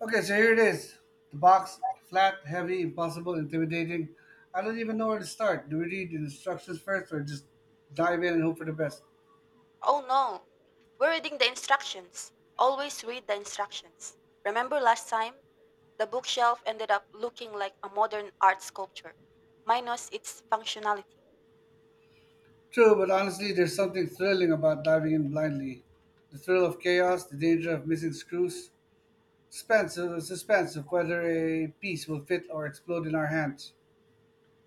Okay, so here it is. The box, flat, heavy, impossible, intimidating. I don't even know where to start. Do we read the instructions first or just dive in and hope for the best? Oh no, we're reading the instructions. Always read the instructions. Remember last time? The bookshelf ended up looking like a modern art sculpture, minus its functionality. True, but honestly, there's something thrilling about diving in blindly. The thrill of chaos, the danger of missing screws, suspense of whether a piece will fit or explode in our hands.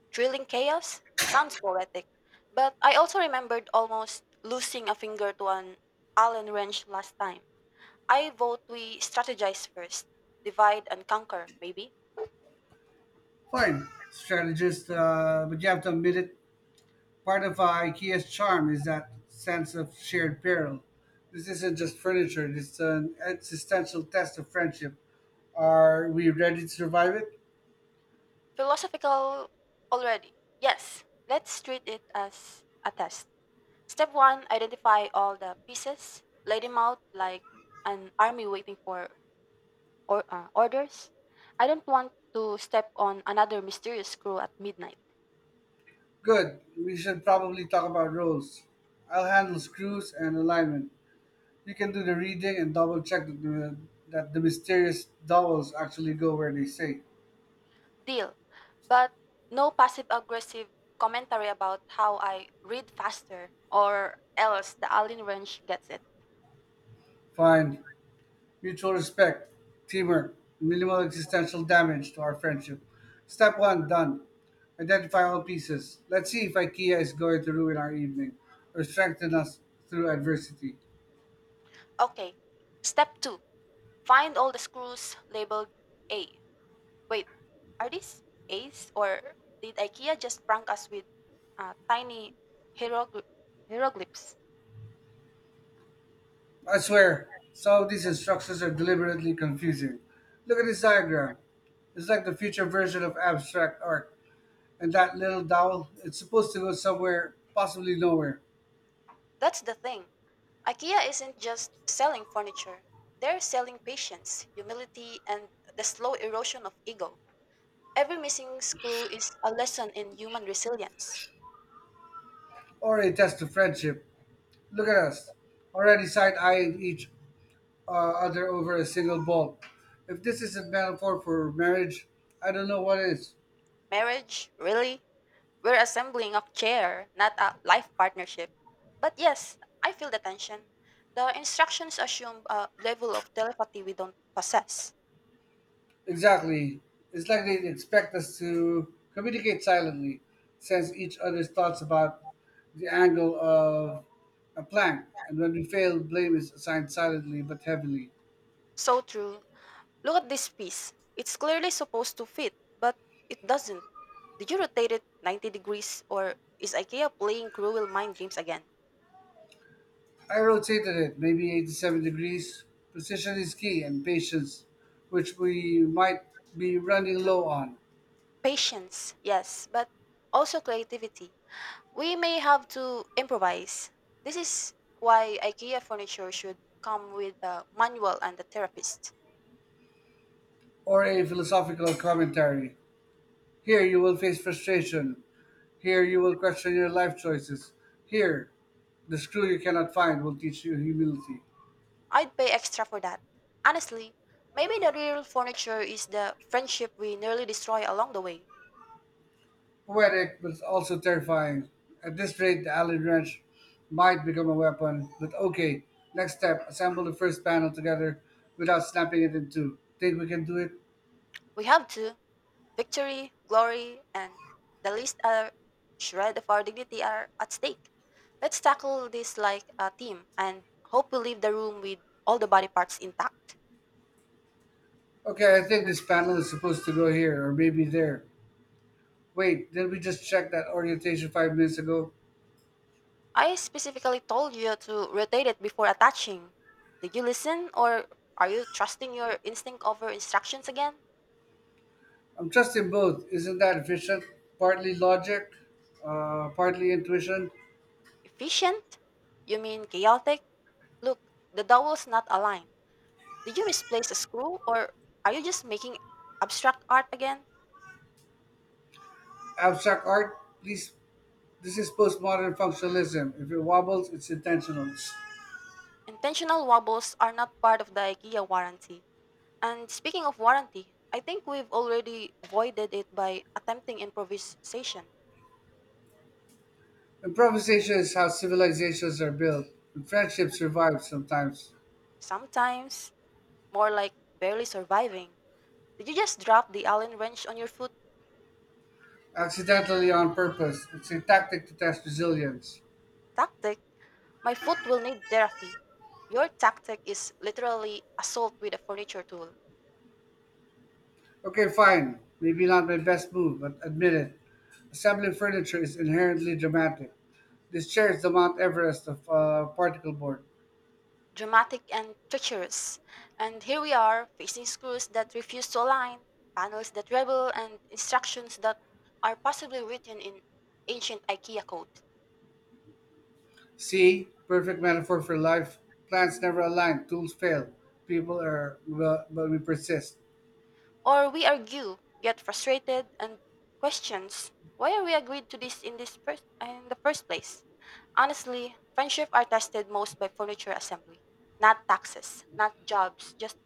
Drilling chaos? Sounds poetic. But I also remembered almost losing a finger to an Allen wrench last time. I vote we strategize first, divide and conquer, maybe. Fine, strategist, but you have to admit it. Part of IKEA's charm is that sense of shared peril. This isn't just furniture; it's an existential test of friendship. Are we ready to survive it? Philosophical already. Yes, let's treat it as a test. Step one, identify all the pieces. Lay them out like an army waiting for orders. I don't want to step on another mysterious crew at midnight. Good. We should probably talk about roles. I'll handle screws and alignment. You can do the reading and double check that the mysterious dowels actually go where they say. Deal. But no passive aggressive commentary about how I read faster or else the alien wrench gets it. Fine. Mutual respect, teamwork, and minimal existential damage to our friendship. Step one done. Identify all pieces. Let's see if IKEA is going to ruin our evening or strengthen us through adversity. Okay. Step two, find all the screws labeled A. Wait, are these Ace or did IKEA just prank us with tiny hierogly- hieroglyphs? I swear, some of these instructions are deliberately confusing. Look at this diagram. It's like the future version of abstract art. And that little dowel, it's supposed to go somewhere, possibly nowhere. That's the thing. IKEA isn't just selling furniture. They're selling patience, humility, and the slow erosion of ego. Every missing screw is a lesson in human resilience. Or a test of friendship. Look at us, already side eyeing each other over a single ball. If this is a metaphor for marriage, I don't know what is. Marriage, really? We're assembling a chair, not a life partnership. But yes, I feel the tension. The instructions assume a level of telepathy we don't possess. Exactly. It's like they expect us to communicate silently, sense each other's thoughts about the angle of a plank, and when we fail, blame is assigned silently but heavily. So true. Look at this piece. It's clearly supposed to fit, but it doesn't. Did you rotate it 90 degrees or is IKEA playing cruel mind games again? I rotated it, maybe 87 degrees. Precision is key, and patience, which we might be running low on. Patience, yes, but also creativity. We may have to improvise. This is why IKEA furniture should come with a manual and a therapist. Or a philosophical commentary. Here you will face frustration. Here you will question your life choices. Here, the screw you cannot find will teach you humility. I'd pay extra for that. Honestly, maybe the real furniture is the friendship we nearly destroy along the way. Poetic, but also terrifying. At this rate, the Allen wrench might become a weapon, but okay. Next step, assemble the first panel together without snapping it in two. Think we can do it? We have to. Victory, glory, and the least shred of our dignity are at stake. Let's tackle this like a team and hope we leave the room with all the body parts intact. Okay, I think this panel is supposed to go here, or maybe there. Wait, did we just check that orientation 5 minutes ago? I specifically told you to rotate it before attaching. Did you listen or are you trusting your instinct over instructions again? I'm trusting both. Isn't that efficient? Partly logic, partly intuition. Efficient? You mean chaotic? Look, the dowel's not aligned. Did you misplace a screw or are you just making abstract art again? Abstract art, please. This is postmodern functionalism. If it wobbles, it's intentional. Intentional wobbles are not part of the IKEA warranty. And speaking of warranty, I think we've already voided it by attempting improvisation. Improvisation is how civilizations are built, and friendships survive sometimes, Sometimes, more like barely surviving. Did you just drop the Allen wrench on your foot? accidentally on purpose. It's a tactic to test resilience. Tactic. My foot will need therapy. Your tactic is literally assault with a furniture tool. Okay, fine. Maybe not my best move, but admit it. Assembling furniture is inherently dramatic. This chair is the Mount Everest of particle board. Dramatic and treacherous. And here we are, facing screws that refuse to align, panels that rebel, and instructions that are possibly written in ancient IKEA code. See, perfect metaphor for life. Plans never align, tools fail. People are, well, but we persist. Or we argue, get frustrated, and questions why are we agreed to this in this first in the first place? Honestly, friendships are tested most by furniture assembly, not taxes, not jobs, just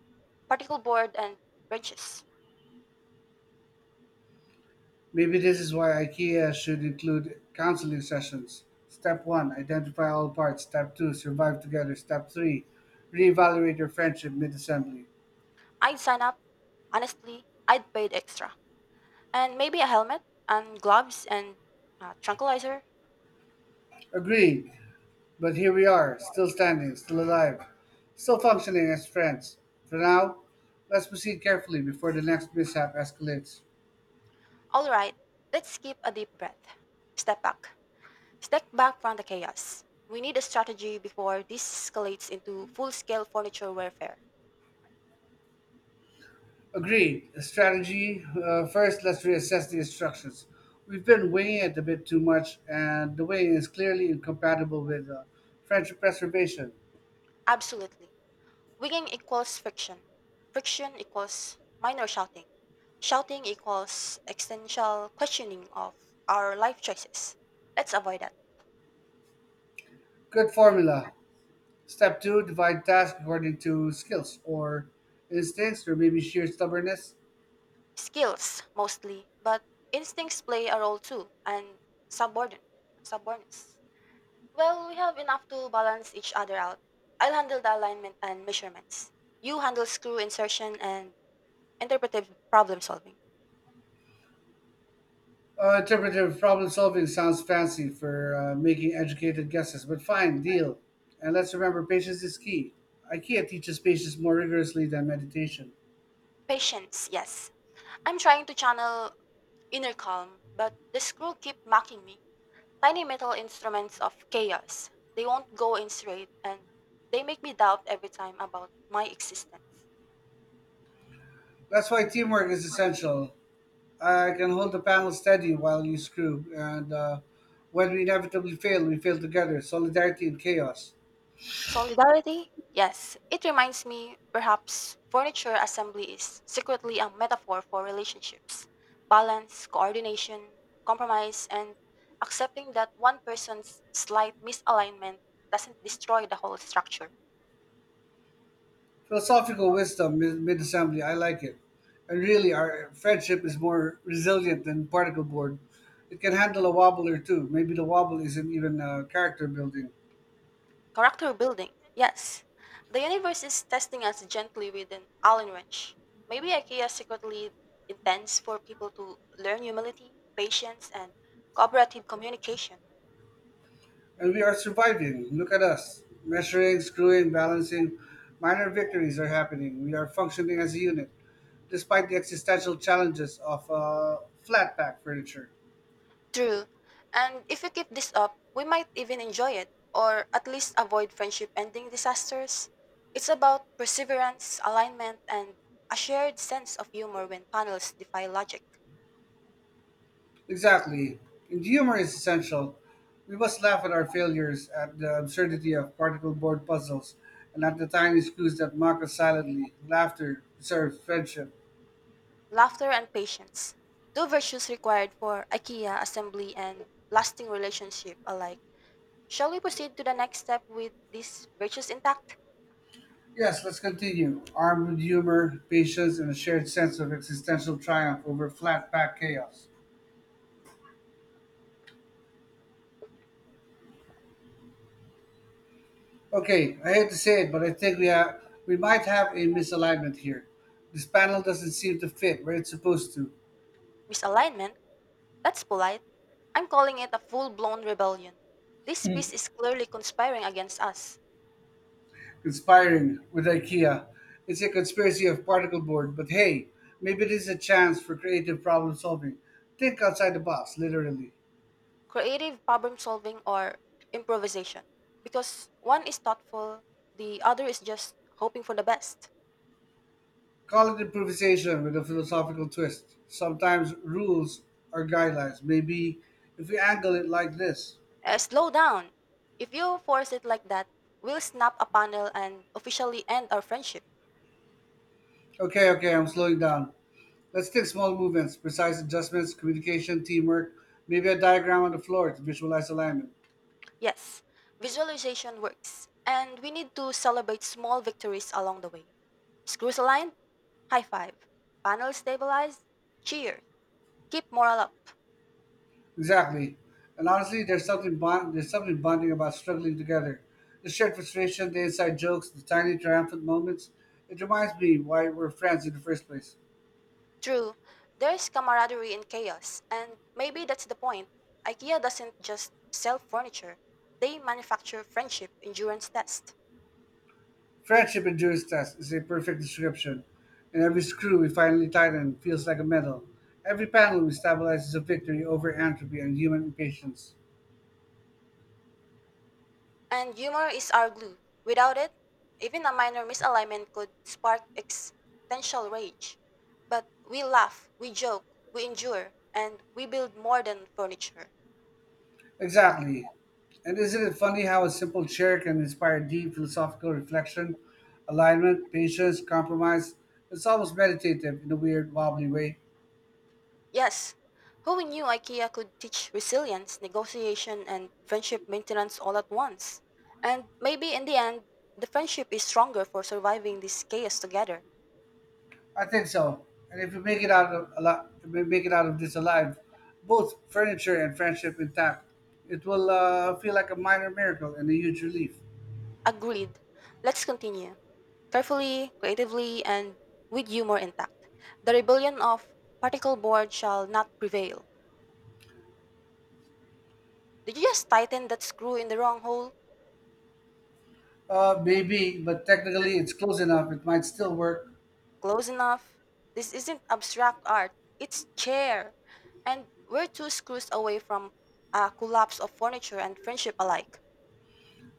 particle board and wrenches. Maybe this is why IKEA should include counseling sessions. Step 1 Identify all parts. Step 2 Survive together. Step 3 Reevaluate your friendship mid assembly. I'd sign up. Honestly, I'd pay the extra, and maybe a helmet and gloves and tranquilizer. Agreed, but here we are, still standing, still alive, still functioning as friends. For now, let's proceed carefully before the next mishap escalates. All right, let's keep a deep breath. Step back. Step back from the chaos. We need a strategy before this escalates into full scale furniture warfare. Agreed. The strategy, first, let's reassess the instructions. We've been winging it a bit too much, and the wing is clearly incompatible with friendship preservation. Absolutely. Wigging equals friction. Friction equals minor shouting. Shouting equals existential questioning of our life choices. Let's avoid that. Good formula. Step two, divide tasks according to skills or instincts or maybe sheer stubbornness. Skills, mostly, but instincts play a role too, and subordinate. subordinates. Well, we have enough to balance each other out. I'll handle the alignment and measurements. You handle screw insertion and interpretive problem solving. Interpretive problem solving sounds fancy for making educated guesses, but fine, deal. And let's remember patience is key. IKEA teaches patience more rigorously than meditation. Patience, yes. I'm trying to channel inner calm, but the screw keep mocking me. Tiny metal instruments of chaos. They won't go in straight and they make me doubt every time about my existence. That's why teamwork is essential. I can hold the panel steady while you screw, and when we inevitably fail, we fail together. Solidarity and chaos. Solidarity? Yes, it reminds me perhaps furniture assembly is secretly a metaphor for relationships, balance, coordination, compromise, and accepting that one person's slight misalignment doesn't destroy the whole structure. Philosophical wisdom mid assembly, I like it. And really, our friendship is more resilient than particle board. It can handle a wobble or two. Maybe the wobble isn't even character building. Character building? Yes. The universe is testing us gently with an Allen wrench. Maybe IKEA secretly intends for people to learn humility, patience, and cooperative communication. And we are surviving. Look at us measuring, screwing, balancing. Minor victories are happening. We are functioning as a unit, despite the existential challenges of flat pack furniture. True. And if we keep this up, we might even enjoy it, or at least avoid friendship ending disasters. It's about perseverance, alignment, and a shared sense of humor when panels defy logic, Exactly. And humor is essential. We must laugh at our failures, at the absurdity of particle board puzzles, and at the tiny screws that mock us silently. Laughter preserves friendship. laughter, and patience. Two virtues required for IKEA assembly and lasting relationship alike. Shall we proceed to the next step with these virtues intact? Yes, let's continue. Armed with humor, patience, and a shared sense of existential triumph over flat pack chaos. Okay, I hate to say it, but I think we have, we might have a misalignment here. This panel doesn't seem to fit where it's supposed to. Misalignment? That's polite. I'm calling it a full blown rebellion. This piece is clearly conspiring against us. Conspiring with IKEA. It's a conspiracy of particle board, but hey, maybe it is a chance for creative problem solving. Think outside the box, literally. Creative problem solving or improvisation, because one is thoughtful, the other is just hoping for the best. Call it improvisation with a philosophical twist. Sometimes rules are guidelines. Maybe if we angle it like this. Slow down. If you force it like that, we'll snap a panel and officially end our friendship. Okay, I'm slowing down. Let's take small movements, precise adjustments, communication, teamwork, maybe a diagram on the floor to visualize alignment. Yes, visualization works, and we need to celebrate small victories along the way. Screws aligned, high five. Panel stabilized, cheer. Keep moral up. Exactly. And honestly, there's something bonding about struggling together. The shared frustration, the inside jokes, the tiny triumphant moments. It reminds me why we're friends in the first place. True, there's camaraderie in chaos, and maybe that's the point. IKEA doesn't just sell furniture, they manufacture friendship endurance tests. Friendship endurance test is a perfect description. And every screw we finally tighten feels like a medal. Every panel we stabilize is a victory over entropy and human impatience. And humor is our glue. Without it, even a minor misalignment could spark existential rage. But we laugh, we joke, we endure, and we build more than furniture. Exactly. And isn't it funny how a simple chair can inspire deep philosophical reflection, alignment, patience, compromise? It's almost meditative in a weird, wobbly way. Yes. Who knew IKEA could teach resilience, negotiation, and friendship maintenance all at once? And maybe in the end, the friendship is stronger for surviving this chaos together. I think so. And if you make it out of this alive, both furniture and friendship intact, it will feel like a minor miracle and a huge relief. Agreed. Let's continue. Carefully, creatively, and with humor intact. The rebellion of particle board shall not prevail. Did you just tighten that screw in the wrong hole? Maybe, but technically it's close enough. It might still work. Close enough. This isn't abstract art, it's care. And we're two screws away from a collapse of furniture and friendship alike.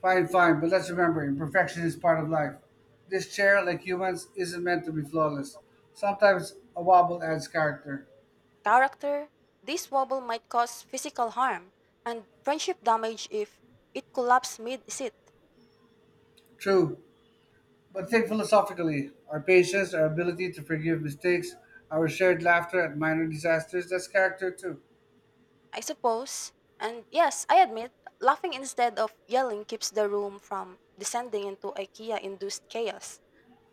Fine, but let's remember imperfection is part of life. This chair, like humans, isn't meant to be flawless. Sometimes a wobble adds character. Character, this wobble might cause physical harm and friendship damage if it collapses mid sit. True, but think philosophically. Our patience, our ability to forgive mistakes, our shared laughter at minor disasters, that's character too. I suppose. And yes, I admit, laughing instead of yelling keeps the room from descending into IKEA induced chaos.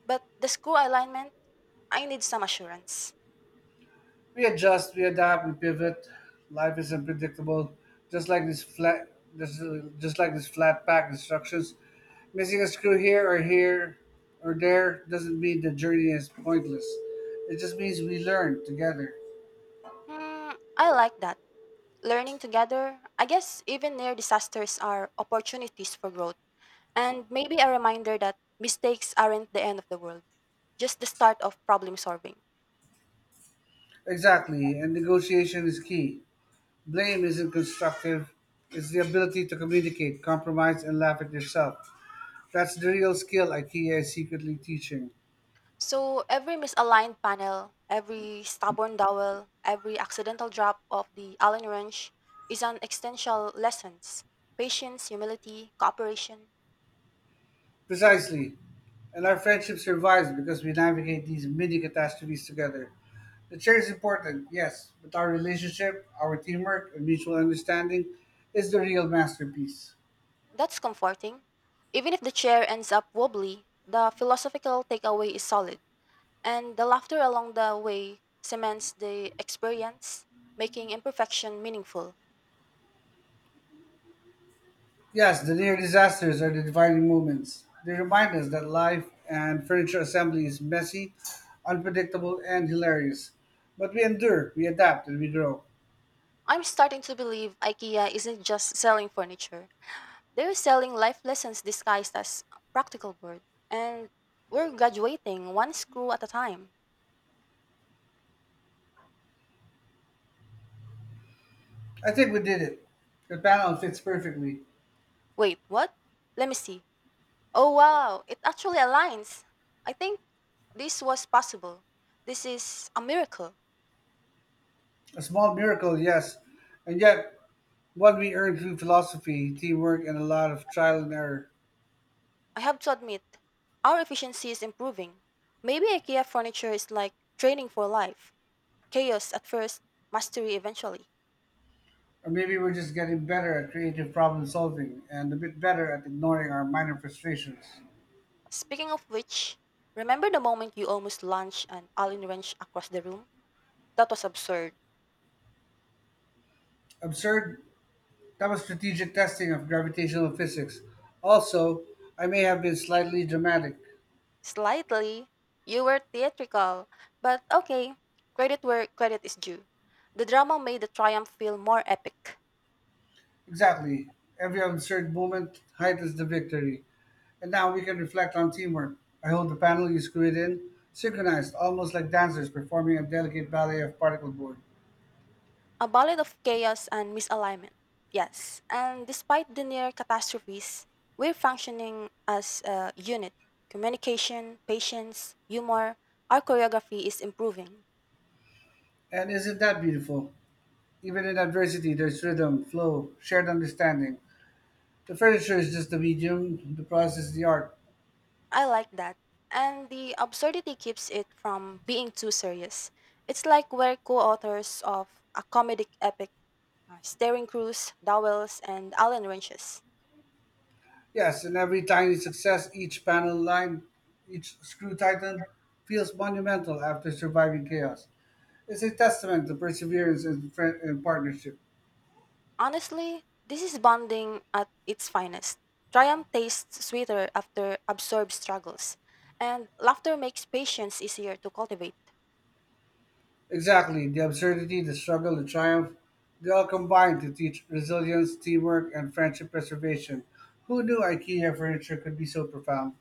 But the screw alignment, I need some assurance. We adjust, we adapt, we pivot. Life is unpredictable, just like this flat pack instructions. Missing a screw here or there doesn't mean the journey is pointless. It just means we learn together. Hmm, I like that. Learning together, I guess even near disasters are opportunities for growth. And maybe a reminder that mistakes aren't the end of the world, just the start of problem solving. Exactly, and negotiation is key. Blame isn't constructive, it's the ability to communicate, compromise, and laugh at yourself. That's the real skill IKEA is secretly teaching. So every misaligned panel, every stubborn dowel, every accidental drop of the Allen wrench is an existential lessons. Patience, humility, cooperation. Precisely. And our friendship survives because we navigate these mini catastrophes together. The chair is important, yes, but our relationship, our teamwork, and mutual understanding is the real masterpiece. That's comforting. Even if the chair ends up wobbly, the philosophical takeaway is solid. And the laughter along the way cements the experience, making imperfection meaningful. Yes, the near disasters are the defining moments. They remind us that life and furniture assembly is messy, unpredictable, and hilarious. But we endure, we adapt, and we grow. I'm starting to believe IKEA isn't just selling furniture. They're selling life lessons disguised as practical board. And we're graduating one screw at a time. I think we did it. The panel fits perfectly. Wait, what? Let me see. Oh wow, it actually aligns. I think this was possible. This is a miracle. A small miracle, yes, and yet what we earned through philosophy, teamwork, and a lot of trial and error. I have to admit, our efficiency is improving. Maybe IKEA furniture is like training for life chaos at first, mastery eventually. Or maybe we're just getting better at creative problem solving and a bit better at ignoring our minor frustrations. Speaking of which, remember the moment you almost launched an Allen wrench across the room? That was absurd. Absurd, that was strategic testing of gravitational physics. Also, I may have been slightly dramatic. Slightly. You were theatrical, but okay, credit where credit is due. The drama made the triumph feel more epic. Exactly. Every absurd moment heightens the victory. And now we can reflect on teamwork. I hold the panel you screwed in, synchronized, almost like dancers performing a delicate ballet of particle board. A ballad of chaos and misalignment. Yes, and despite the near catastrophes, we're functioning as a unit. Communication, patience, humor, our choreography is improving. And isn't that beautiful? Even in adversity, there's rhythm, flow, shared understanding. The furniture is just the medium, the process is the art. I like that. And the absurdity keeps it from being too serious. It's like we're co authors of a comedic epic, Staring Crews, Dowells, and Alan Wrenches. Yes, and every tiny success, each panel line, each screw tightened, feels monumental after surviving chaos. It's a testament to perseverance and partnership. Honestly, this is bonding at its finest. Triumph tastes sweeter after absorbed struggles, and laughter makes patience easier to cultivate. Exactly. The absurdity, the struggle, the triumph, they all combine to teach resilience, teamwork, and friendship preservation. Who knew IKEA furniture could be so profound?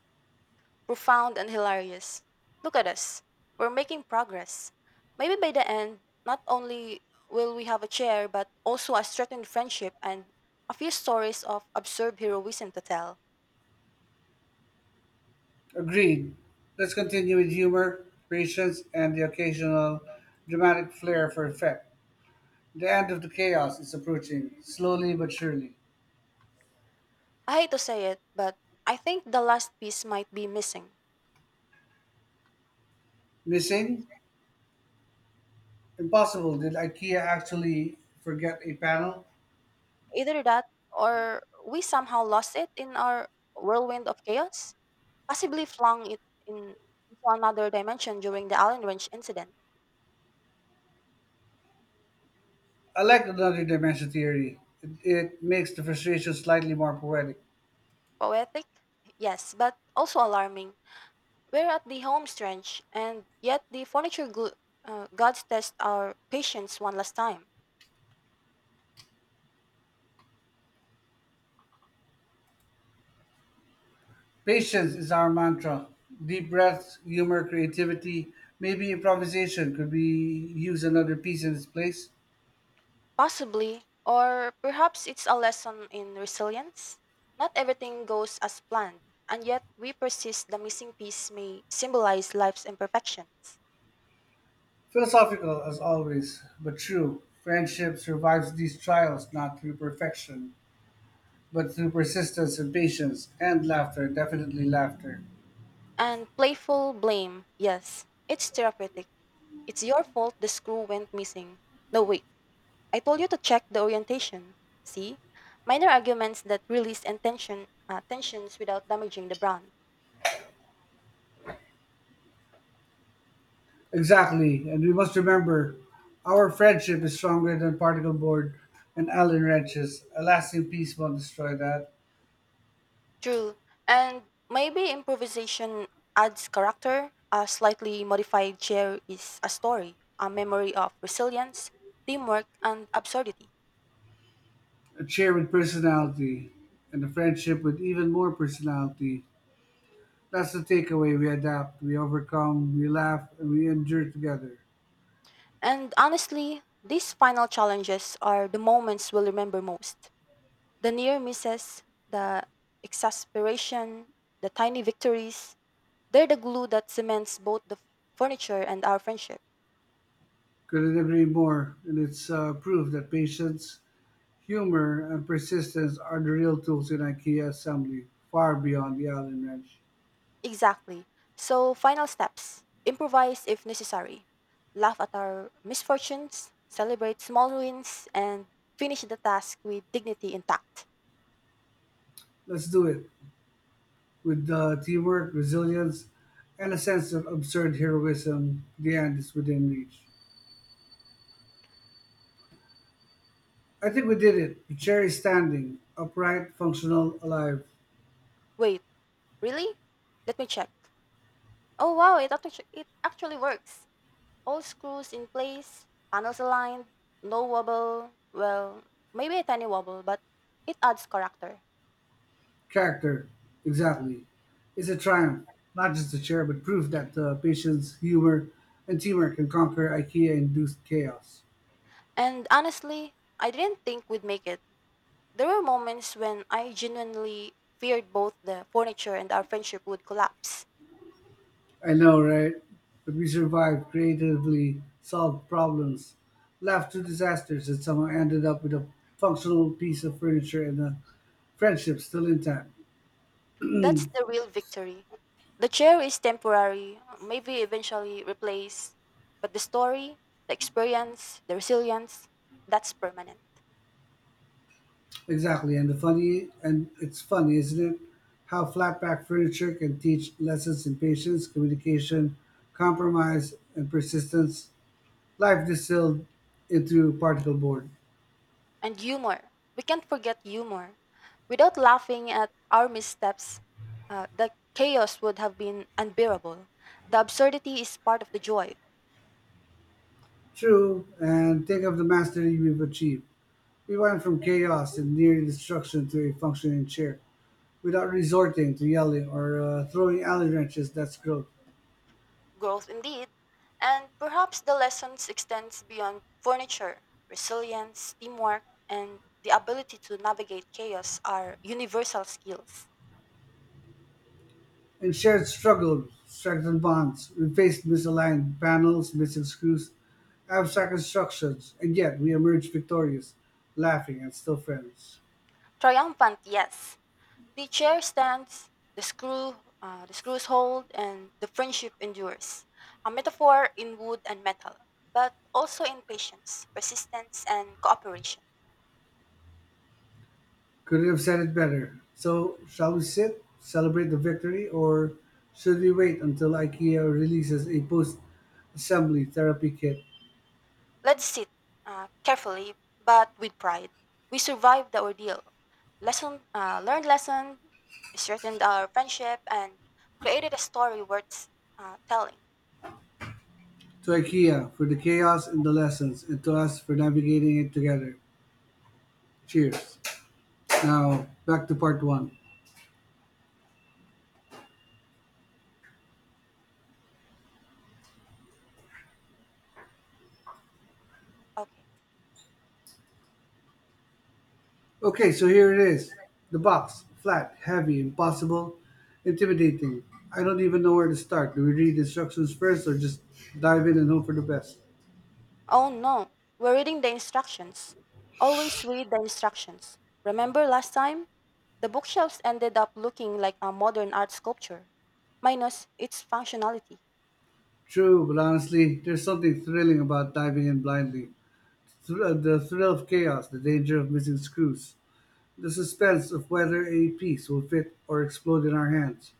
Profound and hilarious. Look at us. We're making progress. Maybe by the end, not only will we have a chair, but also a strengthened friendship and a few stories of absurd heroism to tell. Agreed. Let's continue with humor, patience, and the occasional dramatic flair for effect. The end of the chaos is approaching, slowly but surely. I hate to say it, but I think the last piece might be missing. Missing? Impossible. Did IKEA actually forget a panel? Either that or we somehow lost it in our whirlwind of chaos, possibly flung it in, into another dimension during the Allen Wrench incident. I like another dimension theory. It makes the frustration slightly more poetic. Poetic? Yes, but also alarming. We're at the home stretch, and yet the furniture gods test our patience one last time. Patience is our mantra. Deep breaths, humor, creativity, maybe improvisation. Could we use another piece in its place? Possibly, or perhaps it's a lesson in resilience. Not everything goes as planned, and yet we persist the missing piece may symbolize life's imperfections. Philosophical as always, but true. Friendship survives these trials not through perfection, but through persistence and patience and laughter, definitely laughter. And playful blame. Yes, it's therapeutic. It's your fault the screw went missing. No, wait. I told you to check the orientation. See? Minor arguments that release and tensions without damaging the brand. Exactly, and we must remember our friendship is stronger than particle board and Allen wrenches. A lasting peace won't destroy that. True. And maybe improvisation adds character. A slightly modified chair is a story, a memory of resilience, teamwork, and absurdity. A chair with personality and a friendship with even more personality. That's the takeaway. We adapt, we overcome, we laugh, and we endure together. And honestly, these final challenges are the moments we'll remember most. The near misses, the exasperation, the tiny victories, they're the glue that cements both the furniture and our friendship. Couldn't agree more, and it's proof that patience, humor, and persistence are the real tools in IKEA assembly, far beyond the Allen wrench. Exactly. So, final steps improvise if necessary, laugh at our misfortunes, celebrate small wins, and finish the task with dignity intact. Let's do it with teamwork, resilience, and a sense of absurd heroism. The end is within reach. I think we did it. The chair is standing, upright, functional, alive. Wait, really? Let me check. Oh wow, it actually works. All screws in place, panels aligned, no wobble. Well, maybe a tiny wobble, but it adds character. Character, exactly, is a triumph, not just a chair, but proof that patience, humor, and teamwork can conquer IKEA-induced chaos. And honestly, I didn't think we'd make it. There were moments when I genuinely feared both the furniture and our friendship would collapse. I know, right? But we survived creatively, solved problems, laughed through disasters, and somehow ended up with a functional piece of furniture and a friendship still intact. That's the real victory. The chair is temporary, maybe eventually replaced, but the story, the experience, the resilience, that's permanent. Exactly, and the funny and it's funny, isn't it? How flatback furniture can teach lessons in patience, communication, compromise, and persistence. Life distilled into particle board. And humor. We can't forget humor. Without laughing at our missteps, the chaos would have been unbearable. The absurdity is part of the joy, True, and think of the mastery we've achieved. We went from chaos and near destruction to a functioning chair without resorting to yelling or throwing alley wrenches. That's growth. growth indeed. And perhaps the lessons extends beyond furniture. Resilience, teamwork, and the ability to navigate chaos are universal skills. And shared struggle, strengthened bonds, replaced misaligned panels, missing screws, abstract instructions, and yet we emerged victorious, laughing and still friends. Triumphant, yes, the chair stands, the screw, the screws hold, and the friendship endures. A metaphor in wood and metal, but also in patience, persistence, and cooperation. Could have said it better. So, shall we sit, celebrate the victory, or should we wait until IKEA releases a post assembly therapy kit? Let's sit carefully, but with pride. We survived the ordeal. Learned lesson, strengthened our friendship, and created a story worth telling. To IKEA for the chaos and the lessons, and to us for navigating it together. Cheers. Now, back to part one. Okay. Okay, so here it is. The box. Flat, heavy, impossible, intimidating. I don't even know where to start. Do we read instructions first or just dive in and hope for the best? Oh no, we're reading the instructions. Always read the instructions. Remember last time? The bookshelves ended up looking like a modern art sculpture, minus its functionality. True, but honestly, there's something thrilling about diving in blindly. The thrill of chaos, the danger of missing screws, the suspense of whether a piece will fit or explode in our hands.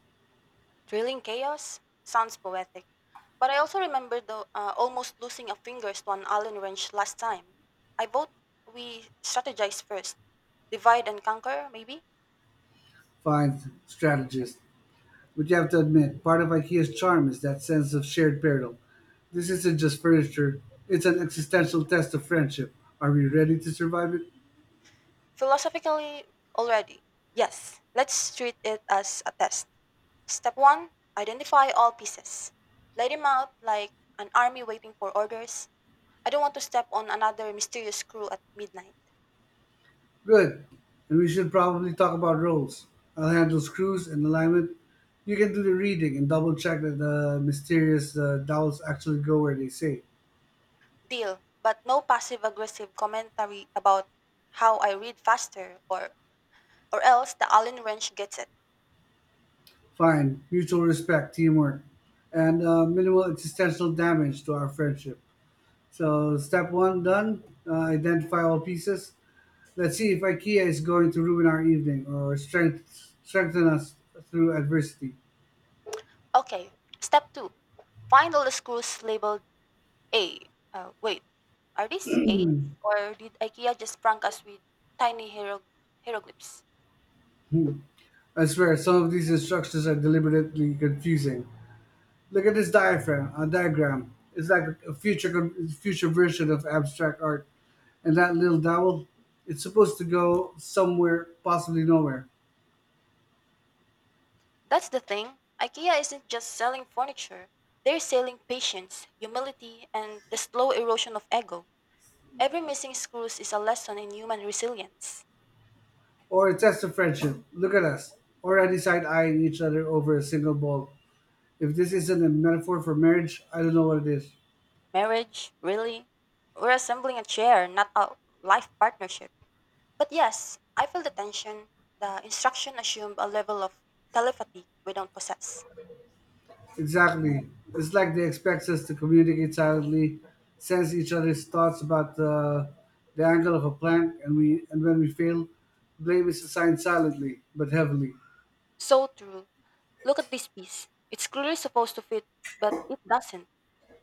Thrilling chaos? Sounds poetic. But I also remember almost losing a fingers to an Allen wrench last time. I vote we strategize first. Divide and conquer, maybe? Fine, strategist. But you have to admit, part of IKEA's charm is that sense of shared peril. This isn't just furniture, it's an existential test of friendship. Are we ready to survive it? Philosophically, already. Yes, let's treat it as a test. Step one, identify all pieces. Lay them out like an army waiting for orders. I don't want to step on another mysterious crew at midnight. Good. And we should probably talk about roles. I'll handle screws and alignment. You can do the reading and double check that the mysterious dowels actually go where they say. Deal, but no passive aggressive commentary about how I read faster or else the Allen wrench gets it. Fine. Mutual respect, teamwork, and minimal existential damage to our friendship. So, step one done. Identify all pieces. Let's see if IKEA is going to ruin our evening or strengthen us through adversity. Okay, step two, find all the screws labeled A. Wait, are these A's or did IKEA just prank us with tiny hieroglyphs? I swear, some of these instructions are deliberately confusing. Look at this diagram. It's like a future version of abstract art. And that little dowel, it's supposed to go somewhere, possibly nowhere. That's the thing. IKEA isn't just selling furniture. They're selling patience, humility, and the slow erosion of ego. Every missing screw is a lesson in human resilience. Or a test of friendship. Look at us, already side eyeing each other over a single ball. If this isn't a metaphor for marriage, I don't know what it is. Marriage, really? We're assembling a chair, not a life partnership. But yes, I feel the tension. The instruction assumed a level of telepathy we don't possess. Exactly. It's like they expect us to communicate silently, sense each other's thoughts about the angle of a plank, and when we fail, blame is assigned silently but heavily. So true. Look at this piece. It's clearly supposed to fit, but it doesn't.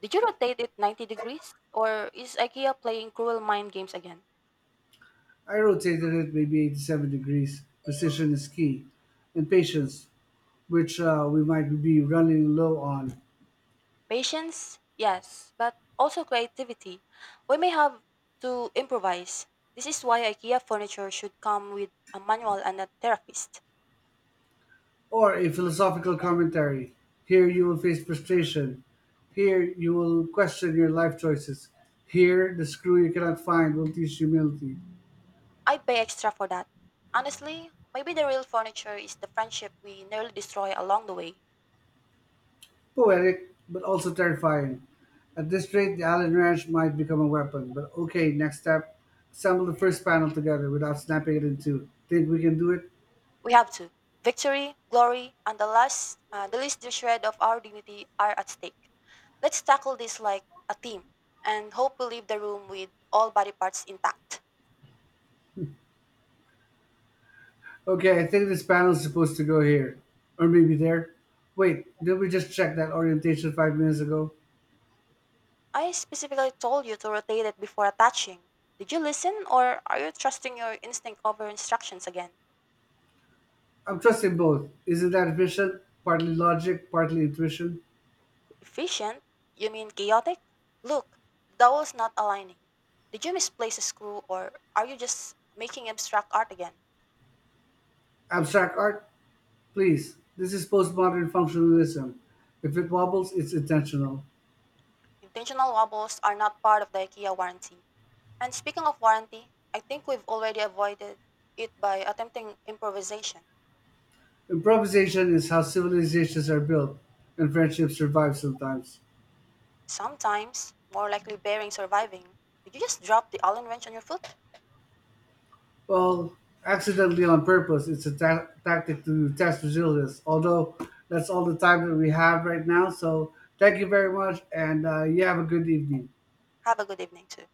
Did you rotate it 90 degrees? Or is IKEA playing cruel mind games again? I rotated it maybe 87 degrees. Precision is key, and patience, which we might be running low on. Patience, yes, but also creativity. We may have to improvise. This is why IKEA furniture should come with a manual and a therapist. Or a philosophical commentary. Here you will face frustration. Here you will question your life choices. Here the screw you cannot find will teach humility. I'd pay extra for that. Honestly, maybe the real furniture is the friendship we nearly destroy along the way. Poetic, but also terrifying. At this rate, the Allen wrench might become a weapon. But okay, next step, assemble the first panel together without snapping it in two. Think we can do it? We have to. Victory, glory, and the least shred of our dignity are at stake. Let's tackle this like a team, and hope we leave the room with all body parts intact. Okay, I think this panel is supposed to go here. Or maybe there. Wait, did we just check that orientation 5 minutes ago? I specifically told you to rotate it before attaching. Did you listen, or are you trusting your instinct over instructions again? I'm trusting both. Isn't that vision? Partly logic, partly intuition. Efficient? You mean chaotic? Look, the dowel's not aligning. Did you misplace a screw, or are you just making abstract art again? Abstract art? Please. This is postmodern functionalism. If it wobbles, it's intentional. Intentional wobbles are not part of the IKEA warranty. And speaking of warranty, I think we've already avoided it by attempting improvisation. Improvisation is how civilizations are built, and friendships survive sometimes. Sometimes, more likely bearing surviving. Did you just drop the Allen wrench on your foot? Well, accidentally on purpose, it's a tactic to test resilience. Although that's all the time that we have right now. So thank you very much, and you have a good evening. Have a good evening too.